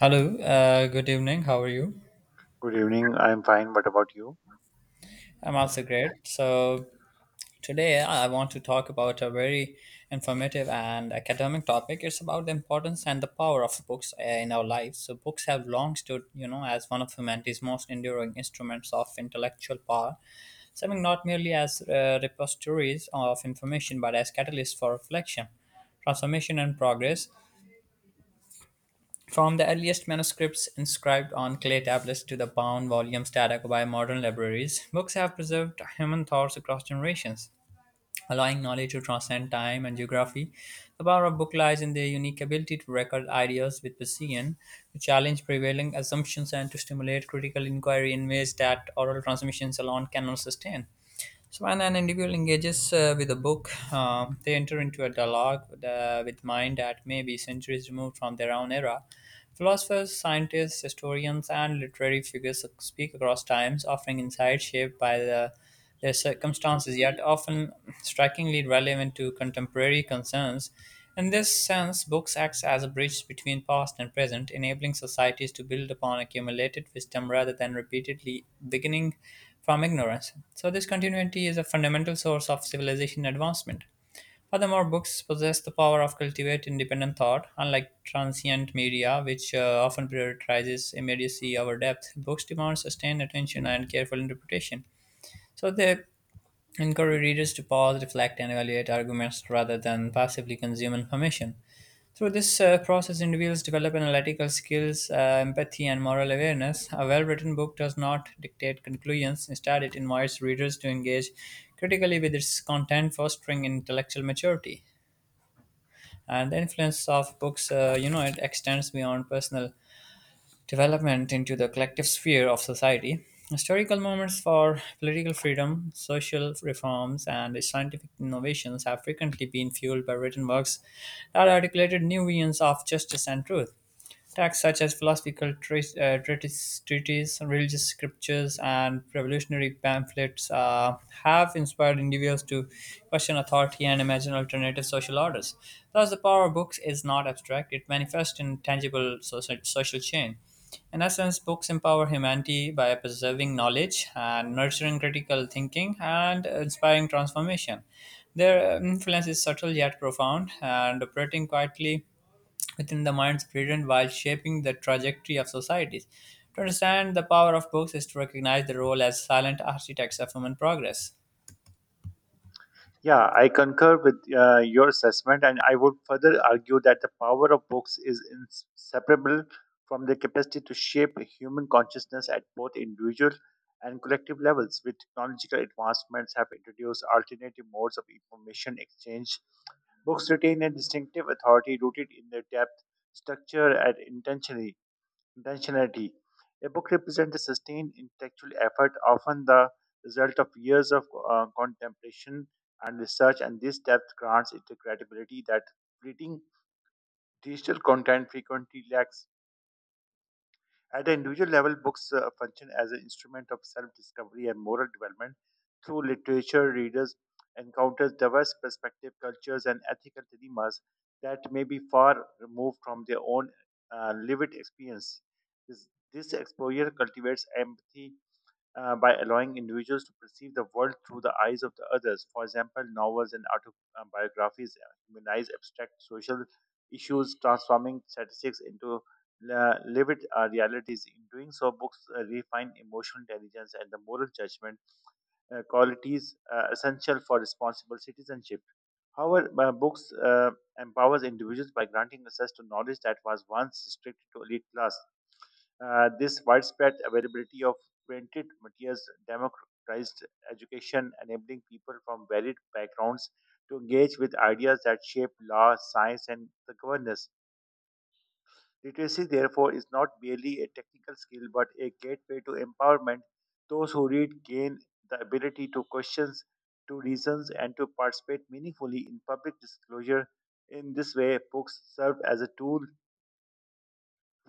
Hello, good evening. How are you? Good evening. I'm fine. What about you? I'm also great. So, today I want to talk about a very informative and academic topic. It's about the importance and the power of books in our lives. So, books have long stood, as one of humanity's most enduring instruments of intellectual power, serving not merely as repositories of information but as catalysts for reflection, transformation, and progress. From the earliest manuscripts inscribed on clay tablets to the bound volumes that occupy modern libraries, books have preserved human thoughts across generations, allowing knowledge to transcend time and geography. The power of book lies in their unique ability to record ideas with precision, to challenge prevailing assumptions, and to stimulate critical inquiry in ways that oral transmissions alone cannot sustain. So when an individual engages with a book, they enter into a dialogue with mind that may be centuries removed from their own era. Philosophers, scientists, historians, and literary figures speak across times, offering insights shaped by their circumstances, yet often strikingly relevant to contemporary concerns. In this sense, books act as a bridge between past and present, enabling societies to build upon accumulated wisdom rather than repeatedly beginning from ignorance. So, this continuity is a fundamental source of civilization advancement. Furthermore, books possess the power of cultivate independent thought, unlike transient media, which often prioritizes immediacy over depth. Books demand sustained attention and careful interpretation. So they encourage readers to pause, reflect, and evaluate arguments rather than passively consume information. Through this process, individuals develop analytical skills, empathy, and moral awareness. A well written book does not dictate conclusions; instead, it invites readers to engage critically with its content, fostering intellectual maturity. And the influence of books, it extends beyond personal development into the collective sphere of society. Historical moments for political freedom, social reforms, and scientific innovations have frequently been fueled by written works that articulated new visions of justice and truth. Texts such as philosophical treatises, religious scriptures, and revolutionary pamphlets have inspired individuals to question authority and imagine alternative social orders. Thus, the power of books is not abstract; it manifests in tangible social change. In essence, books empower humanity by preserving knowledge and nurturing critical thinking and inspiring transformation. Their influence is subtle yet profound and operating quietly within the mind's present while shaping the trajectory of societies. To understand the power of books is to recognize the role as silent architects of human progress. Yeah, I concur with your assessment, and I would further argue that the power of books is inseparable from their capacity to shape human consciousness at both individual and collective levels. With technological advancements, have introduced alternative modes of information exchange. Books retain a distinctive authority rooted in their depth, structure, and intentionality. A book represents a sustained intellectual effort, often the result of years of contemplation and research, and this depth grants it a credibility that reading digital content frequently lacks. At the individual level, books function as an instrument of self discovery and moral development. Through literature, readers encounter diverse perspective cultures, and ethical dilemmas that may be far removed from their own lived experience. This exposure cultivates empathy, by allowing individuals to perceive the world through the eyes of the others. For example, novels and autobiographies humanize abstract social issues, transforming statistics into lived realities. In doing so, books refine emotional intelligence and the moral judgment, qualities essential for responsible citizenship. However, books empowers individuals by granting access to knowledge that was once restricted to elite class. This widespread availability of printed materials democratized education, enabling people from varied backgrounds to engage with ideas that shape law, science, and the governance. Literacy, therefore, is not merely a technical skill but a gateway to empowerment. Those who read gain the ability to question, to reason, and to participate meaningfully in public disclosure. In this way, books serve as a tool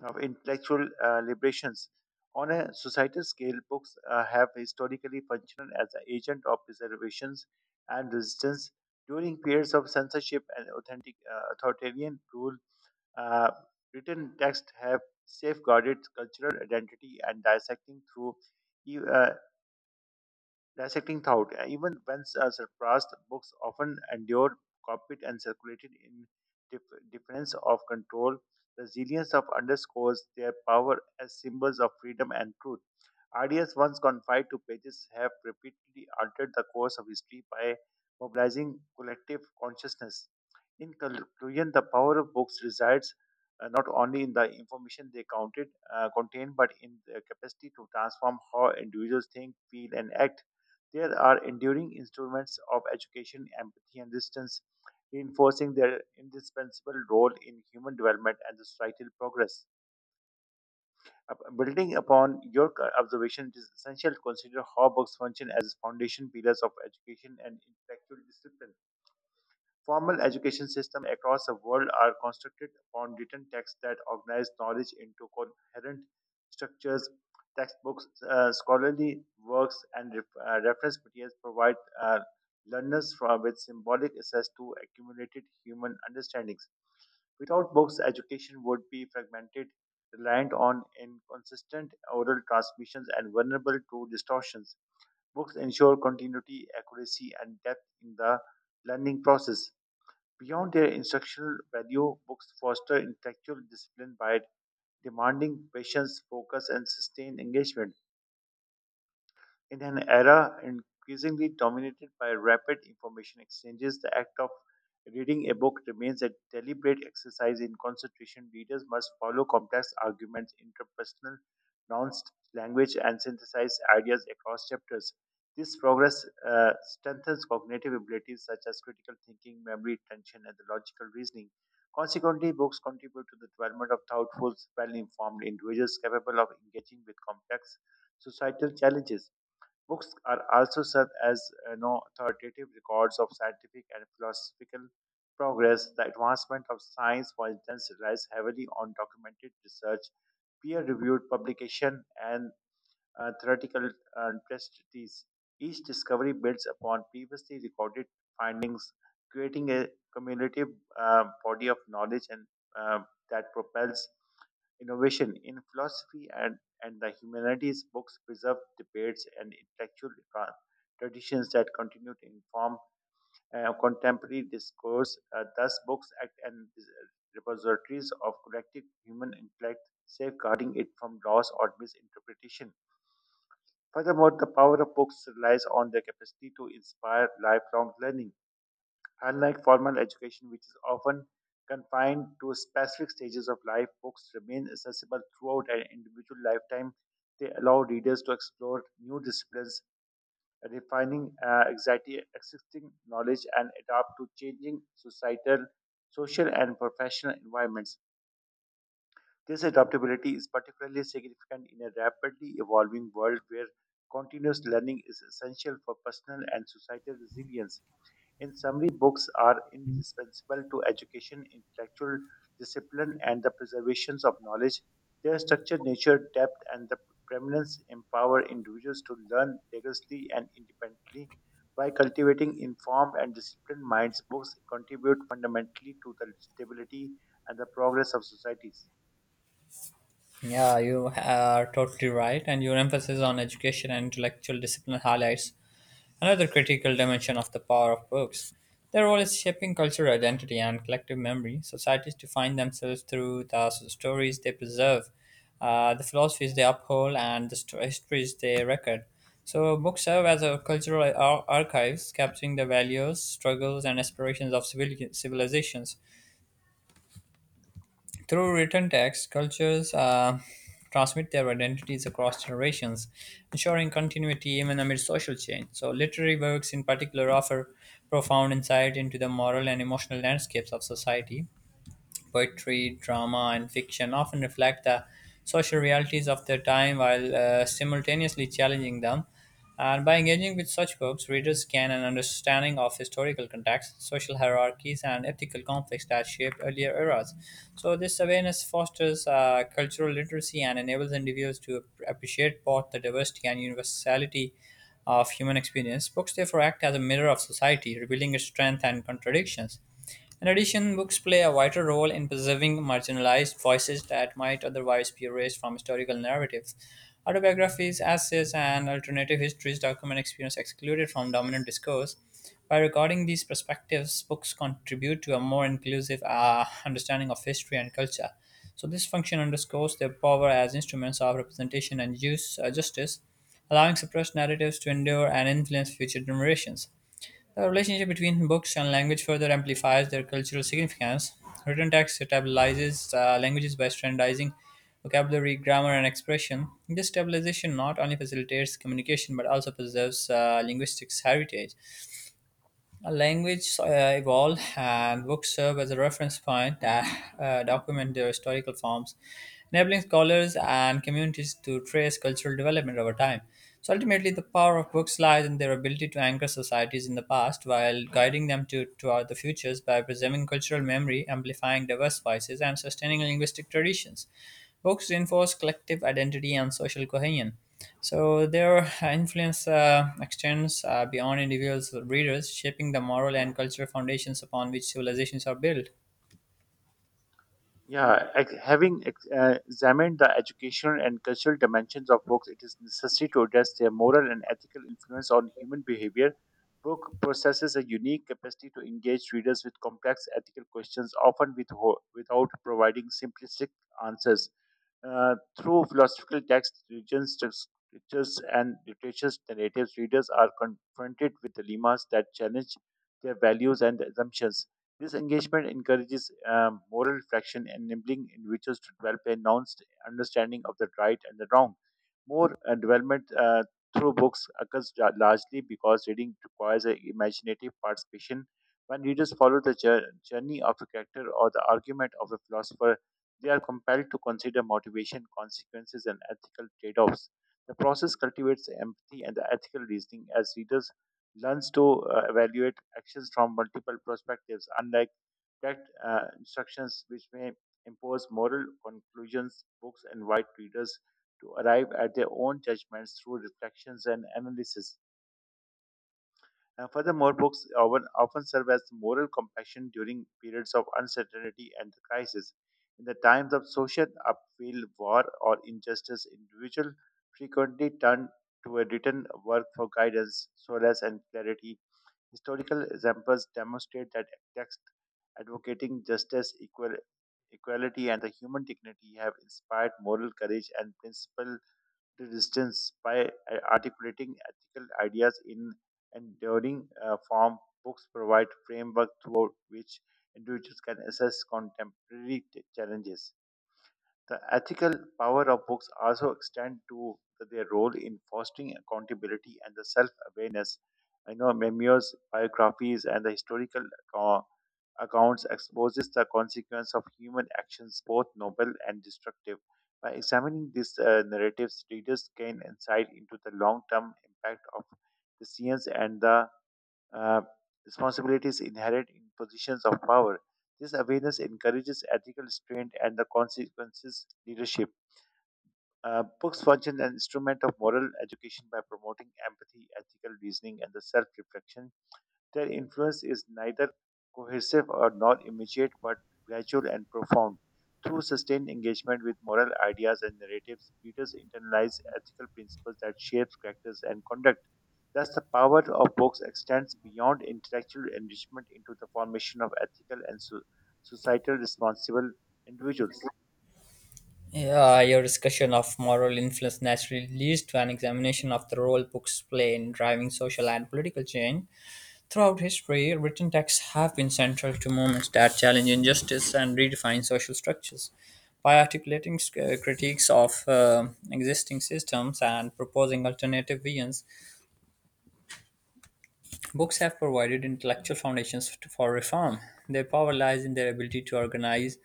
of intellectual liberations. On a societal scale, books have historically functioned as an agent of preservations and resistance during periods of censorship and authoritarian rule. Uh, Written texts have safeguarded cultural identity and dissecting through e- uh, dissecting thought. Even when surpassed, books often endured, copied, and circulated in difference of control. Resilience of underscores their power as symbols of freedom and truth. Ideas once confined to pages have repeatedly altered the course of history by mobilizing collective consciousness. In conclusion, the power of books resides not only in the information they contain, but in their capacity to transform how individuals think, feel, and act. There are enduring instruments of education, empathy, and resistance, reinforcing their indispensable role in human development and societal progress. Building upon your observation, it is essential to consider how books function as foundation pillars of education and intellectual discipline. Formal education systems across the world are constructed upon written texts that organize knowledge into coherent structures. Textbooks, scholarly works, and reference materials provide uh, learners from with symbolic access to accumulated human understandings. Without books, education would be fragmented, reliant on inconsistent oral transmissions, and vulnerable to distortions. Books ensure continuity, accuracy, and depth in the learning process. Beyond their instructional value, books foster intellectual discipline by demanding patience, focus, and sustained engagement. In an era increasingly dominated by rapid information exchanges, the act of reading a book remains a deliberate exercise in concentration. Readers must follow complex arguments, interpersonal nuanced language, and synthesize ideas across chapters. This progress strengthens cognitive abilities such as critical thinking, memory, attention, and the logical reasoning. Consequently, books contribute to the development of thoughtful, well informed individuals capable of engaging with complex societal challenges. Books are also serve as authoritative records of scientific and philosophical progress. The advancement of science, for instance, relies heavily on documented research, peer-reviewed publication, and theoretical testes. Each discovery builds upon previously recorded findings, creating a cumulative body of knowledge and uh, that propels innovation in philosophy and the humanities books preserve debates and intellectual traditions that continue to inform contemporary discourse. Thus, books act as repositories of collective human intellect, safeguarding it from loss or misinterpretation. Furthermore, the power of books relies on their capacity to inspire lifelong learning. Unlike formal education, which is often confined to specific stages of life, books remain accessible throughout an individual lifetime. They allow readers to explore new disciplines, refining anxiety, existing knowledge, and adapt to changing societal, social, and professional environments. This adaptability is particularly significant in a rapidly evolving world where continuous learning is essential for personal and societal resilience. In summary, books are indispensable to education, intellectual discipline, and the preservation of knowledge. Their structure, nature, depth, and the preeminence empower individuals to learn rigorously and independently. By cultivating informed and disciplined minds, books contribute fundamentally to the stability and the progress of societies. Yeah, you are totally right, and your emphasis on education and intellectual discipline highlights another critical dimension of the power of books, their role is shaping cultural identity and collective memory. Societies define themselves through the stories they preserve, the philosophies they uphold, and the histories they record. So, books serve as a cultural archives, capturing the values, struggles, and aspirations of civilizations. Through written text, cultures transmit their identities across generations, ensuring continuity even amid social change. So, literary works in particular offer profound insight into the moral and emotional landscapes of society. Poetry, drama, and fiction often reflect the social realities of their time while simultaneously challenging them. And by engaging with such books, readers gain an understanding of historical contexts, social hierarchies, and ethical conflicts that shaped earlier eras. So, this awareness fosters cultural literacy and enables individuals to appreciate both the diversity and universality of human experience. Books therefore act as a mirror of society, revealing its strength and contradictions. In addition, books play a vital role in preserving marginalized voices that might otherwise be erased from historical narratives. Autobiographies, essays, and alternative histories document experience excluded from dominant discourse. By recording these perspectives, books contribute to a more inclusive understanding of history and culture. So, this function underscores their power as instruments of representation and use, justice, allowing suppressed narratives to endure and influence future generations. The relationship between books and language further amplifies their cultural significance. Written text stabilizes languages by standardizing vocabulary, grammar, and expression. This stabilization not only facilitates communication but also preserves linguistics heritage. A language evolve and books serve as a reference point that document their historical forms, enabling scholars and communities to trace cultural development over time. So ultimately, the power of books lies in their ability to anchor societies in the past while guiding them to toward the futures by preserving cultural memory, amplifying diverse voices, and sustaining linguistic traditions. Books reinforce collective identity and social cohesion, so their influence extends beyond individuals or readers, shaping the moral and cultural foundations upon which civilizations are built. Yeah, examined the educational and cultural dimensions of books, it is necessary to address their moral and ethical influence on human behavior. Book possesses a unique capacity to engage readers with complex ethical questions, often with without providing simplistic answers. Uh, Through philosophical texts, religion scriptures, and literature's narratives, readers are confronted with dilemmas that challenge their values and assumptions. This engagement encourages moral reflection, enabling individuals to develop a nuanced understanding of the right and the wrong. More development Through books occurs largely because reading requires an imaginative participation. When readers follow the journey of a character or the argument of a philosopher, they are compelled to consider motivation, consequences, and ethical trade offs. The process cultivates empathy and the ethical reasoning as readers learns to evaluate actions from multiple perspectives, unlike direct instructions which may impose moral conclusions. Books invite readers to arrive at their own judgments through reflections and analysis. Furthermore, books often serve as moral compassion during periods of uncertainty and crisis. In the times of social upheaval, war, or injustice, individuals frequently turn to a written work for guidance, solace, and clarity. Historical examples demonstrate that texts advocating justice, equality, and the human dignity have inspired moral courage and principle resistance by articulating ethical ideas in enduring form. Books provide framework throughout which individuals can assess contemporary challenges. The ethical power of books also extend to their role in fostering accountability and the self-awareness. I know memoirs, biographies, and the historical account- accounts exposes the consequence of human actions, both noble and destructive. By examining these narratives, readers gain insight into the long-term impact of decisions and the uh, responsibilities inherent in positions of power. This awareness encourages ethical restraint and the consequences leadership. Books function as an instrument of moral education by promoting empathy, ethical reasoning, and the self-reflection. Their influence is neither cohesive or nor immediate but gradual and profound. Through sustained engagement with moral ideas and narratives, readers internalize ethical principles that shape characters and conduct. Thus, the power of books extends beyond intellectual enrichment into the formation of ethical and societal responsible individuals. Yeah, your discussion of moral influence naturally leads to an examination of the role books play in driving social and political change. Throughout history, written texts have been central to movements that challenge injustice and redefine social structures. By articulating critiques of existing systems and proposing alternative visions, books have provided intellectual foundations for reform. Their power lies in their ability to organize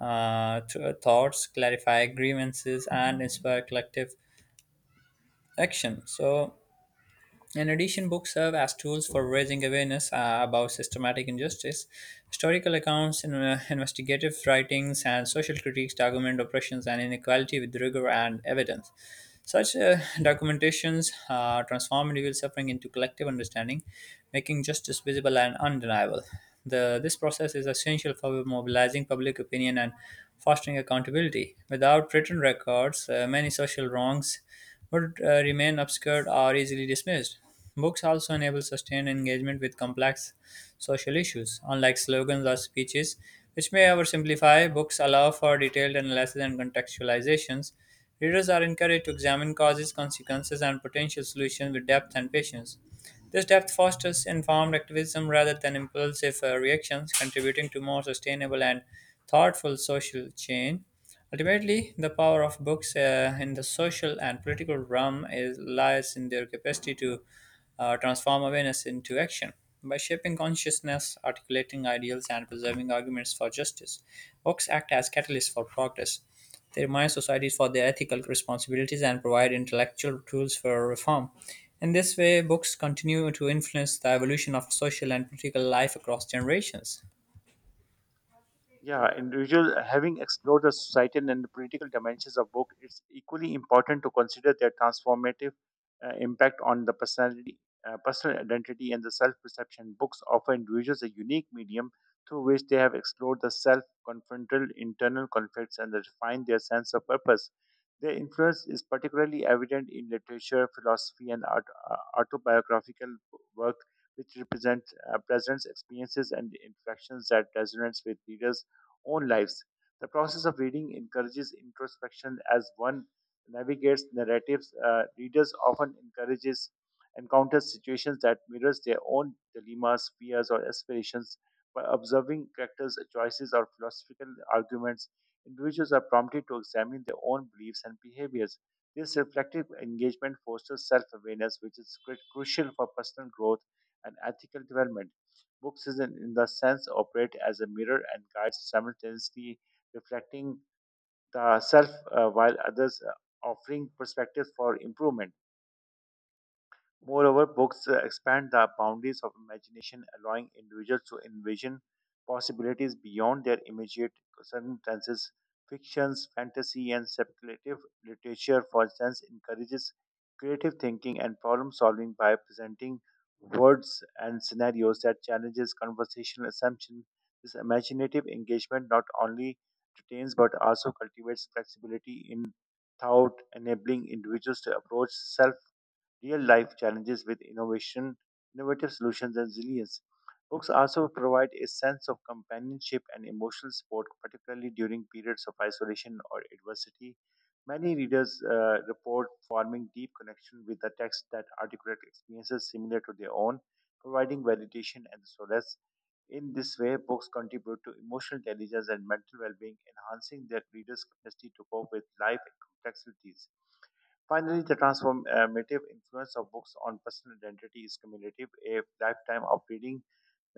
thoughts, clarify grievances, and inspire collective action. So, in addition, books serve as tools for raising awareness about systematic injustice. Historical accounts, investigative writings, and social critiques document oppressions and inequality with rigor and evidence. Such documentations transform individual suffering into collective understanding, making justice visible and undeniable. This process is essential for mobilizing public opinion and fostering accountability. Without written records, many social wrongs would remain obscured or easily dismissed. Books also enable sustained engagement with complex social issues; unlike slogans or speeches, which may oversimplify, books allow for detailed analysis and contextualizations. Readers are encouraged to examine causes, consequences, and potential solutions with depth and patience. This depth fosters informed activism rather than impulsive reactions, contributing to more sustainable and thoughtful social change. Ultimately, the power of books in the social and political realm lies in their capacity to transform awareness into action. By shaping consciousness, articulating ideals, and preserving arguments for justice, books act as catalysts for progress. They remind societies for their ethical responsibilities and provide intellectual tools for reform. In this way, books continue to influence the evolution of social and political life across generations. Yeah, individual having explored the societal and the political dimensions of book, it's equally important to consider their transformative impact on the personal identity, and the self-perception. Books offer individuals a unique medium through which they have explored the self-confrontal internal conflicts and refined their sense of purpose. Their influence is particularly evident in literature, philosophy, and art, autobiographical work, which represent presents experiences and interactions that resonates with readers own lives. The process of reading encourages introspection as one navigates narratives. Readers often encourages encounters situations that mirrors their own dilemmas, fears, or aspirations. By observing characters' choices or philosophical arguments, individuals are prompted to examine their own beliefs and behaviors. This reflective engagement fosters self awareness, which is crucial for personal growth and ethical development. Books, is in the sense, operate as a mirror and guides simultaneously reflecting the self while others offering perspectives for improvement. Moreover, books expand the boundaries of imagination, allowing individuals to envision possibilities beyond their immediate circumstances. Fictions, fantasy, and speculative literature, for instance, encourages creative thinking and problem solving by presenting words and scenarios that challenges conversational assumptions. This imaginative engagement not only retains but also cultivates flexibility in thought, enabling individuals to approach self real life challenges with innovative solutions, and resilience. Books also provide a sense of companionship and emotional support, particularly during periods of isolation or adversity. Many readers report forming deep connection with the text that articulate experiences similar to their own, providing validation and solace. In this way, books contribute to emotional intelligence and mental well-being, enhancing their readers' capacity to cope with life complexities. Finally, the transformative influence of books on personal identity is cumulative. A lifetime of reading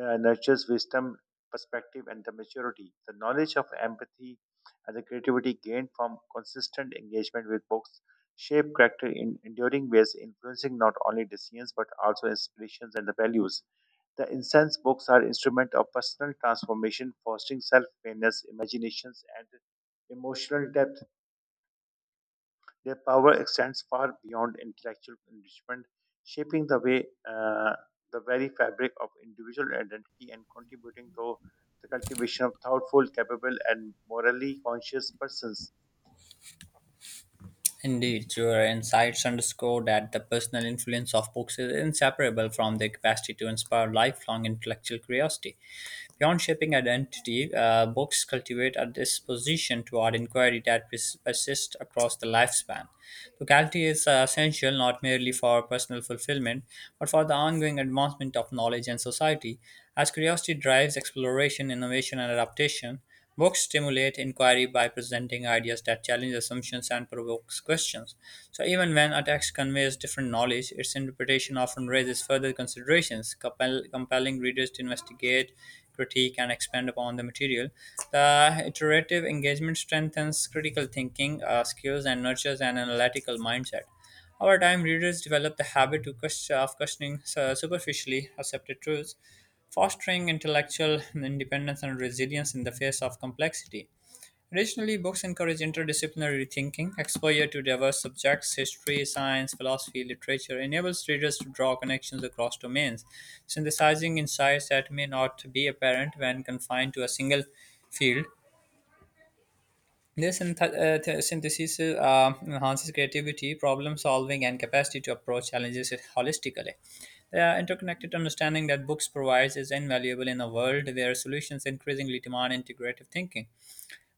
nurtures wisdom, perspective, and the maturity. The knowledge of empathy and the creativity gained from consistent engagement with books shape character in enduring ways, influencing not only decisions but also inspirations and the values. The incense books are instrument of personal transformation, fostering self-awareness, imaginations, and emotional depth. Their power extends far beyond intellectual enrichment, shaping the way the very fabric of individual identity and contributing to the cultivation of thoughtful, capable, and morally conscious persons. Indeed, your insights underscore that the personal influence of books is inseparable from their capacity to inspire lifelong intellectual curiosity. Beyond shaping identity, books cultivate a disposition toward inquiry that persists across the lifespan. Locality is essential not merely for personal fulfillment, but for the ongoing advancement of knowledge and society. As curiosity drives exploration, innovation, and adaptation, books stimulate inquiry by presenting ideas that challenge assumptions and provokes questions. So even when a text conveys different knowledge, its interpretation often raises further considerations, compelling readers to investigate, critique, and expand upon the material. The iterative engagement strengthens critical thinking skills and nurtures an analytical mindset. Over time, readers develop the habit to of questioning superficially accepted truths, fostering intellectual independence and resilience in the face of complexity. Additionally, books encourage interdisciplinary thinking. Exposure to diverse subjects, history, science, philosophy, literature enables readers to draw connections across domains, synthesizing insights that may not be apparent when confined to a single field. This synthesis enhances creativity, problem solving, and capacity to approach challenges holistically. The interconnected understanding that books provides is invaluable in a world where solutions increasingly demand integrative thinking.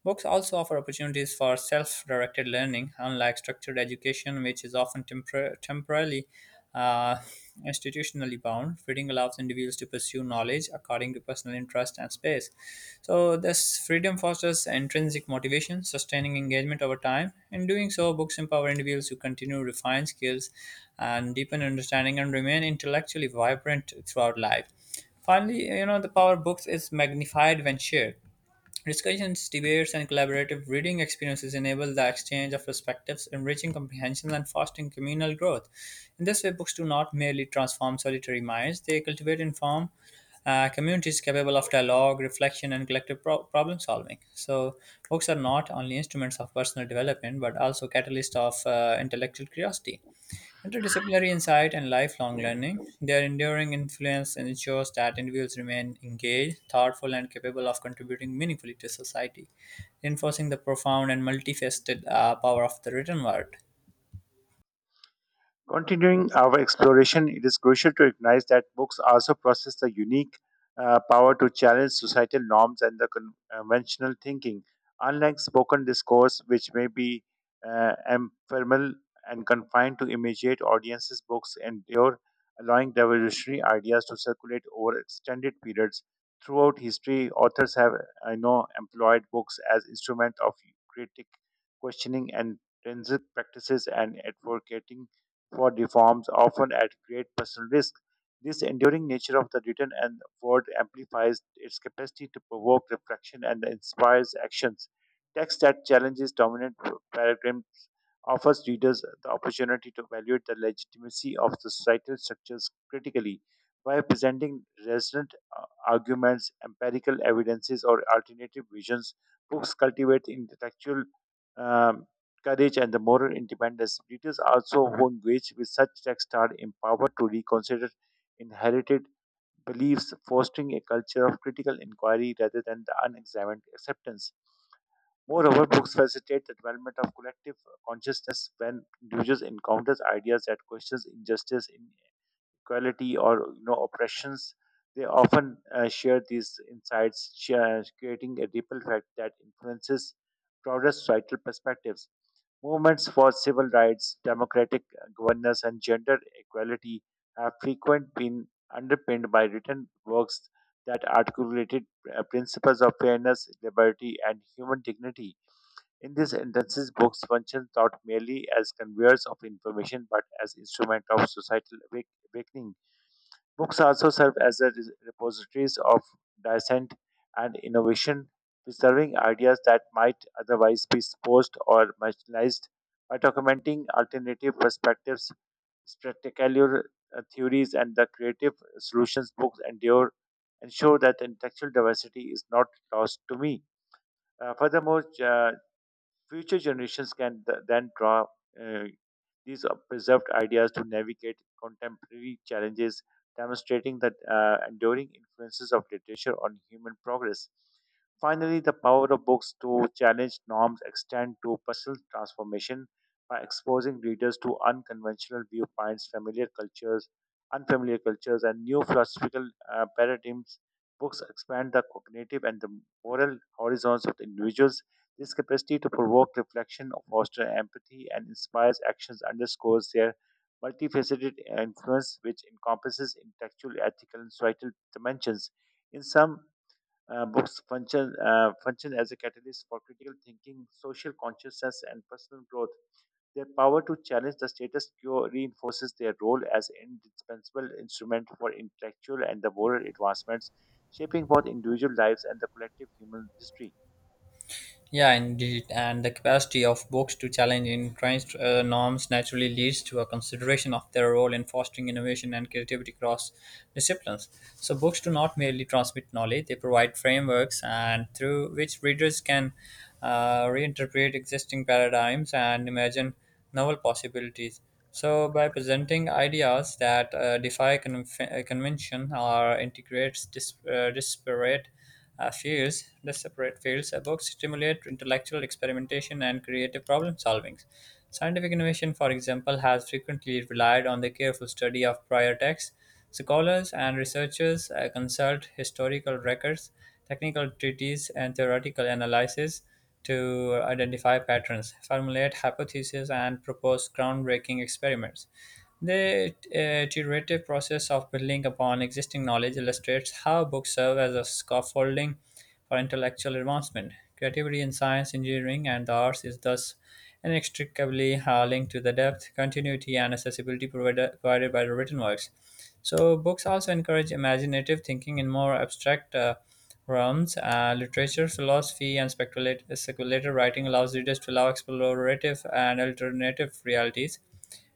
Books also offer opportunities for self directed learning, unlike structured education, which is often temporarily uh, institutionally bound. Reading allows individuals to pursue knowledge according to personal interest and space. So, this freedom fosters intrinsic motivation, sustaining engagement over time. In doing so, books empower individuals to continue to refine skills and deepen understanding and remain intellectually vibrant throughout life. Finally, the power of books is magnified when shared. Discussions, debates, and collaborative reading experiences enable the exchange of perspectives, enriching comprehension and fostering communal growth. In this way, books do not merely transform solitary minds, they cultivate informed communities capable of dialogue, reflection, and collective problem solving. So, books are not only instruments of personal development but also catalysts of intellectual curiosity. Interdisciplinary insight and lifelong learning, their enduring influence ensures that individuals remain engaged, thoughtful, and capable of contributing meaningfully to society, reinforcing the profound and multifaceted power of the written word. Continuing our exploration, it is crucial to recognize that books also possess the unique power to challenge societal norms and the conventional thinking. Unlike spoken discourse, which may be uh, ephemeral and confined to immediate audiences, books endure, allowing revolutionary ideas to circulate over extended periods. Throughout history, authors have, I know, employed books as instrument of critic questioning and forensic practices and advocating for reforms, often at great personal risk. This enduring nature of the written and word amplifies its capacity to provoke reflection and inspires actions. Text that challenges dominant paradigms offers readers the opportunity to evaluate the legitimacy of the societal structures critically by presenting resonant arguments, empirical evidences, or alternative visions. Books cultivate intellectual um, courage, and the moral independence. British also who engaged with such texts are empowered to reconsider inherited beliefs, fostering a culture of critical inquiry rather than the unexamined acceptance. Moreover, books facilitate the development of collective consciousness when individuals encounters ideas that questions injustice, inequality, or you know oppressions. They often share these insights, share, creating a ripple effect that influences broader societal perspectives. Movements for civil rights, democratic governance, and gender equality have frequently been underpinned by written works that articulated principles of fairness, liberty, and human dignity. In these instances, books function not merely as conveyors of information but as instrument of societal awakening. Books also serve as a repositories of dissent and innovation, preserving ideas that might otherwise be exposed or marginalized by documenting alternative perspectives, spectacular theories, and the creative solutions books endure ensure that intellectual diversity is not lost to me. Furthermore, future generations can then draw uh, these are preserved ideas to navigate contemporary challenges, demonstrating the enduring influences of literature on human progress. Finally, the power of books to challenge norms extend to personal transformation by exposing readers to unconventional viewpoints, familiar cultures, unfamiliar cultures, and new philosophical paradigms. Books expand the cognitive and the moral horizons of the individuals this capacity to provoke reflection, foster empathy, and inspires actions underscores their multifaceted influence, which encompasses intellectual, ethical, and societal dimensions. In some books, function as a catalyst for critical thinking, social consciousness, and personal growth. Their power to challenge the status quo reinforces their role as an indispensable instrument for intellectual and the moral advancements, shaping both individual lives and the collective human history. Yeah, indeed. And the capacity of books to challenge entrenched norms naturally leads to a consideration of their role in fostering innovation and creativity across disciplines. So, books do not merely transmit knowledge, they provide frameworks and through which readers can reinterpret existing paradigms and imagine novel possibilities. So, by presenting ideas that defy convention or integrates disparate fields, the separate fields, books stimulate intellectual experimentation and creative problem solving. Scientific innovation, for example, has frequently relied on the careful study of prior texts. Scholars and researchers consult historical records, technical treatises, and theoretical analysis to identify patterns, formulate hypotheses, and propose groundbreaking experiments. The iterative process of building upon existing knowledge illustrates how books serve as a scaffolding for intellectual advancement. Creativity in science, engineering, and the arts is thus inextricably linked to the depth, continuity, and accessibility provided by the written works. So, books also encourage imaginative thinking in more abstract realms. Literature, philosophy, and speculative writing allows readers to allow explorative and alternative realities,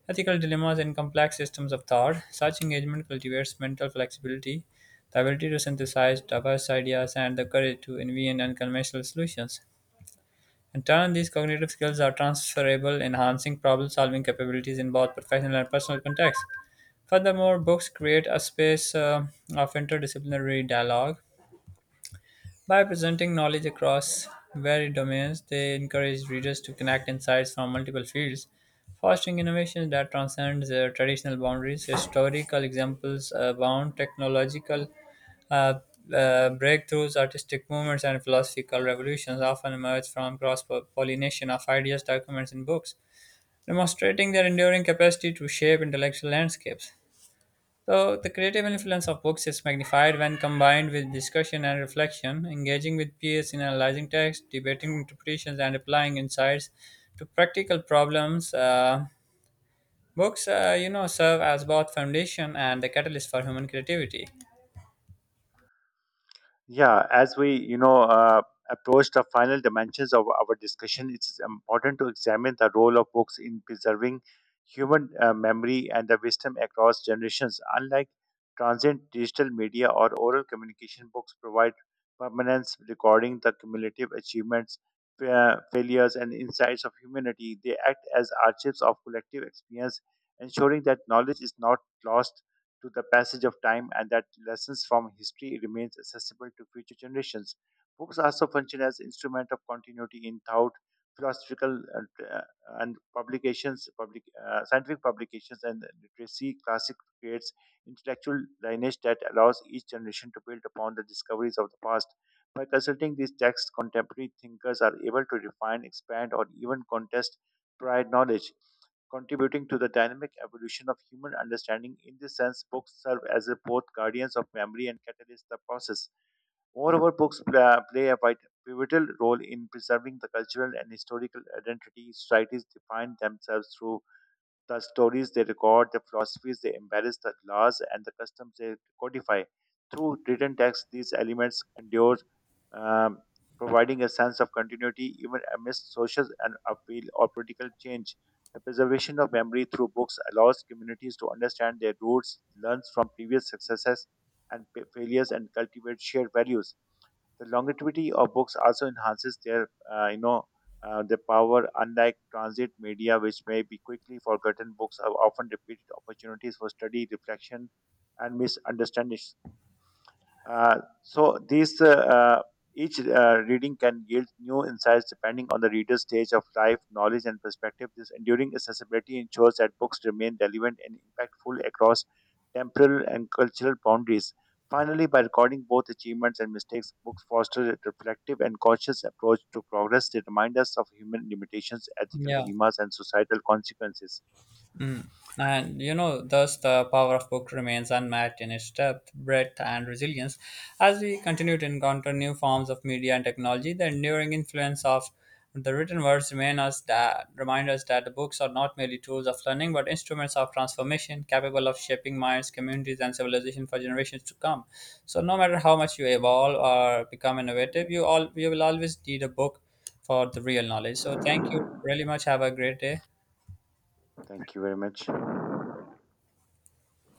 ethical dilemmas, and complex systems of thought. Such engagement cultivates mental flexibility, the ability to synthesize diverse ideas, and the courage to envision unconventional solutions. In turn, these cognitive skills are transferable, enhancing problem solving capabilities in both professional and personal contexts. Furthermore, books create a space of interdisciplinary dialogue. By presenting knowledge across varied domains, they encourage readers to connect insights from multiple fields, fostering innovations that transcend their traditional boundaries. Historical examples abound, technological uh, uh, breakthroughs, artistic movements, and philosophical revolutions often emerge from cross pollination of ideas, documents, and books, demonstrating their enduring capacity to shape intellectual landscapes. So, the creative influence of books is magnified when combined with discussion and reflection, engaging with peers in analyzing text, debating interpretations, and applying insights to practical problems. Books, serve as both foundation and the catalyst for human creativity. Yeah, as we, you know, approach the final dimensions of our discussion, it's important to examine the role of books in preserving human memory and the wisdom across generations. Unlike transient digital media or oral communication, books provide permanence, recording the cumulative achievements, failures, and insights of humanity. They act as archives of collective experience, ensuring that knowledge is not lost to the passage of time and that lessons from history remains accessible to future generations. Books also function as instrument of continuity in thought, philosophical and, uh, and publications, scientific publications and literacy. Classic creates intellectual lineage that allows each generation to build upon the discoveries of the past. By consulting these texts, contemporary thinkers are able to refine, expand, or even contest prior knowledge contributing to the dynamic evolution of human understanding. In this sense, books serve as a both guardians of memory and catalyst the process. Moreover, books play a pivotal role in preserving the cultural and historical identity societies define themselves through the stories they record, the philosophies they embrace, the laws and the customs they codify. Through written text, these elements endure, um, providing a sense of continuity even amidst social and appeal or political change. The preservation of memory through books allows communities to understand their roots, learn from previous successes and failures, and cultivate shared values. The longevity of books also enhances their their power. Unlike transit media, which may be quickly forgotten, books are often repeated opportunities for study, reflection, and misunderstanding. So these each reading can yield new insights depending on the reader's stage of life, knowledge, and perspective. This enduring accessibility ensures that books remain relevant and impactful across temporal and cultural boundaries. Finally, by recording both achievements and mistakes, books foster a reflective and conscious approach to progress. They remind us of human limitations, ethical Yeah. dilemmas, and societal consequences. Mm. And you know, thus the power of book remains unmatched in its depth, breadth, and resilience. As we continue to encounter new forms of media and technology, the enduring influence of the written words remain us that remind us that the books are not merely tools of learning, but instruments of transformation, capable of shaping minds, communities, and civilization for generations to come. So, no matter how much you evolve or become innovative, you will always need a book for the real knowledge. So, thank you really much. Have a great day. Thank you very much.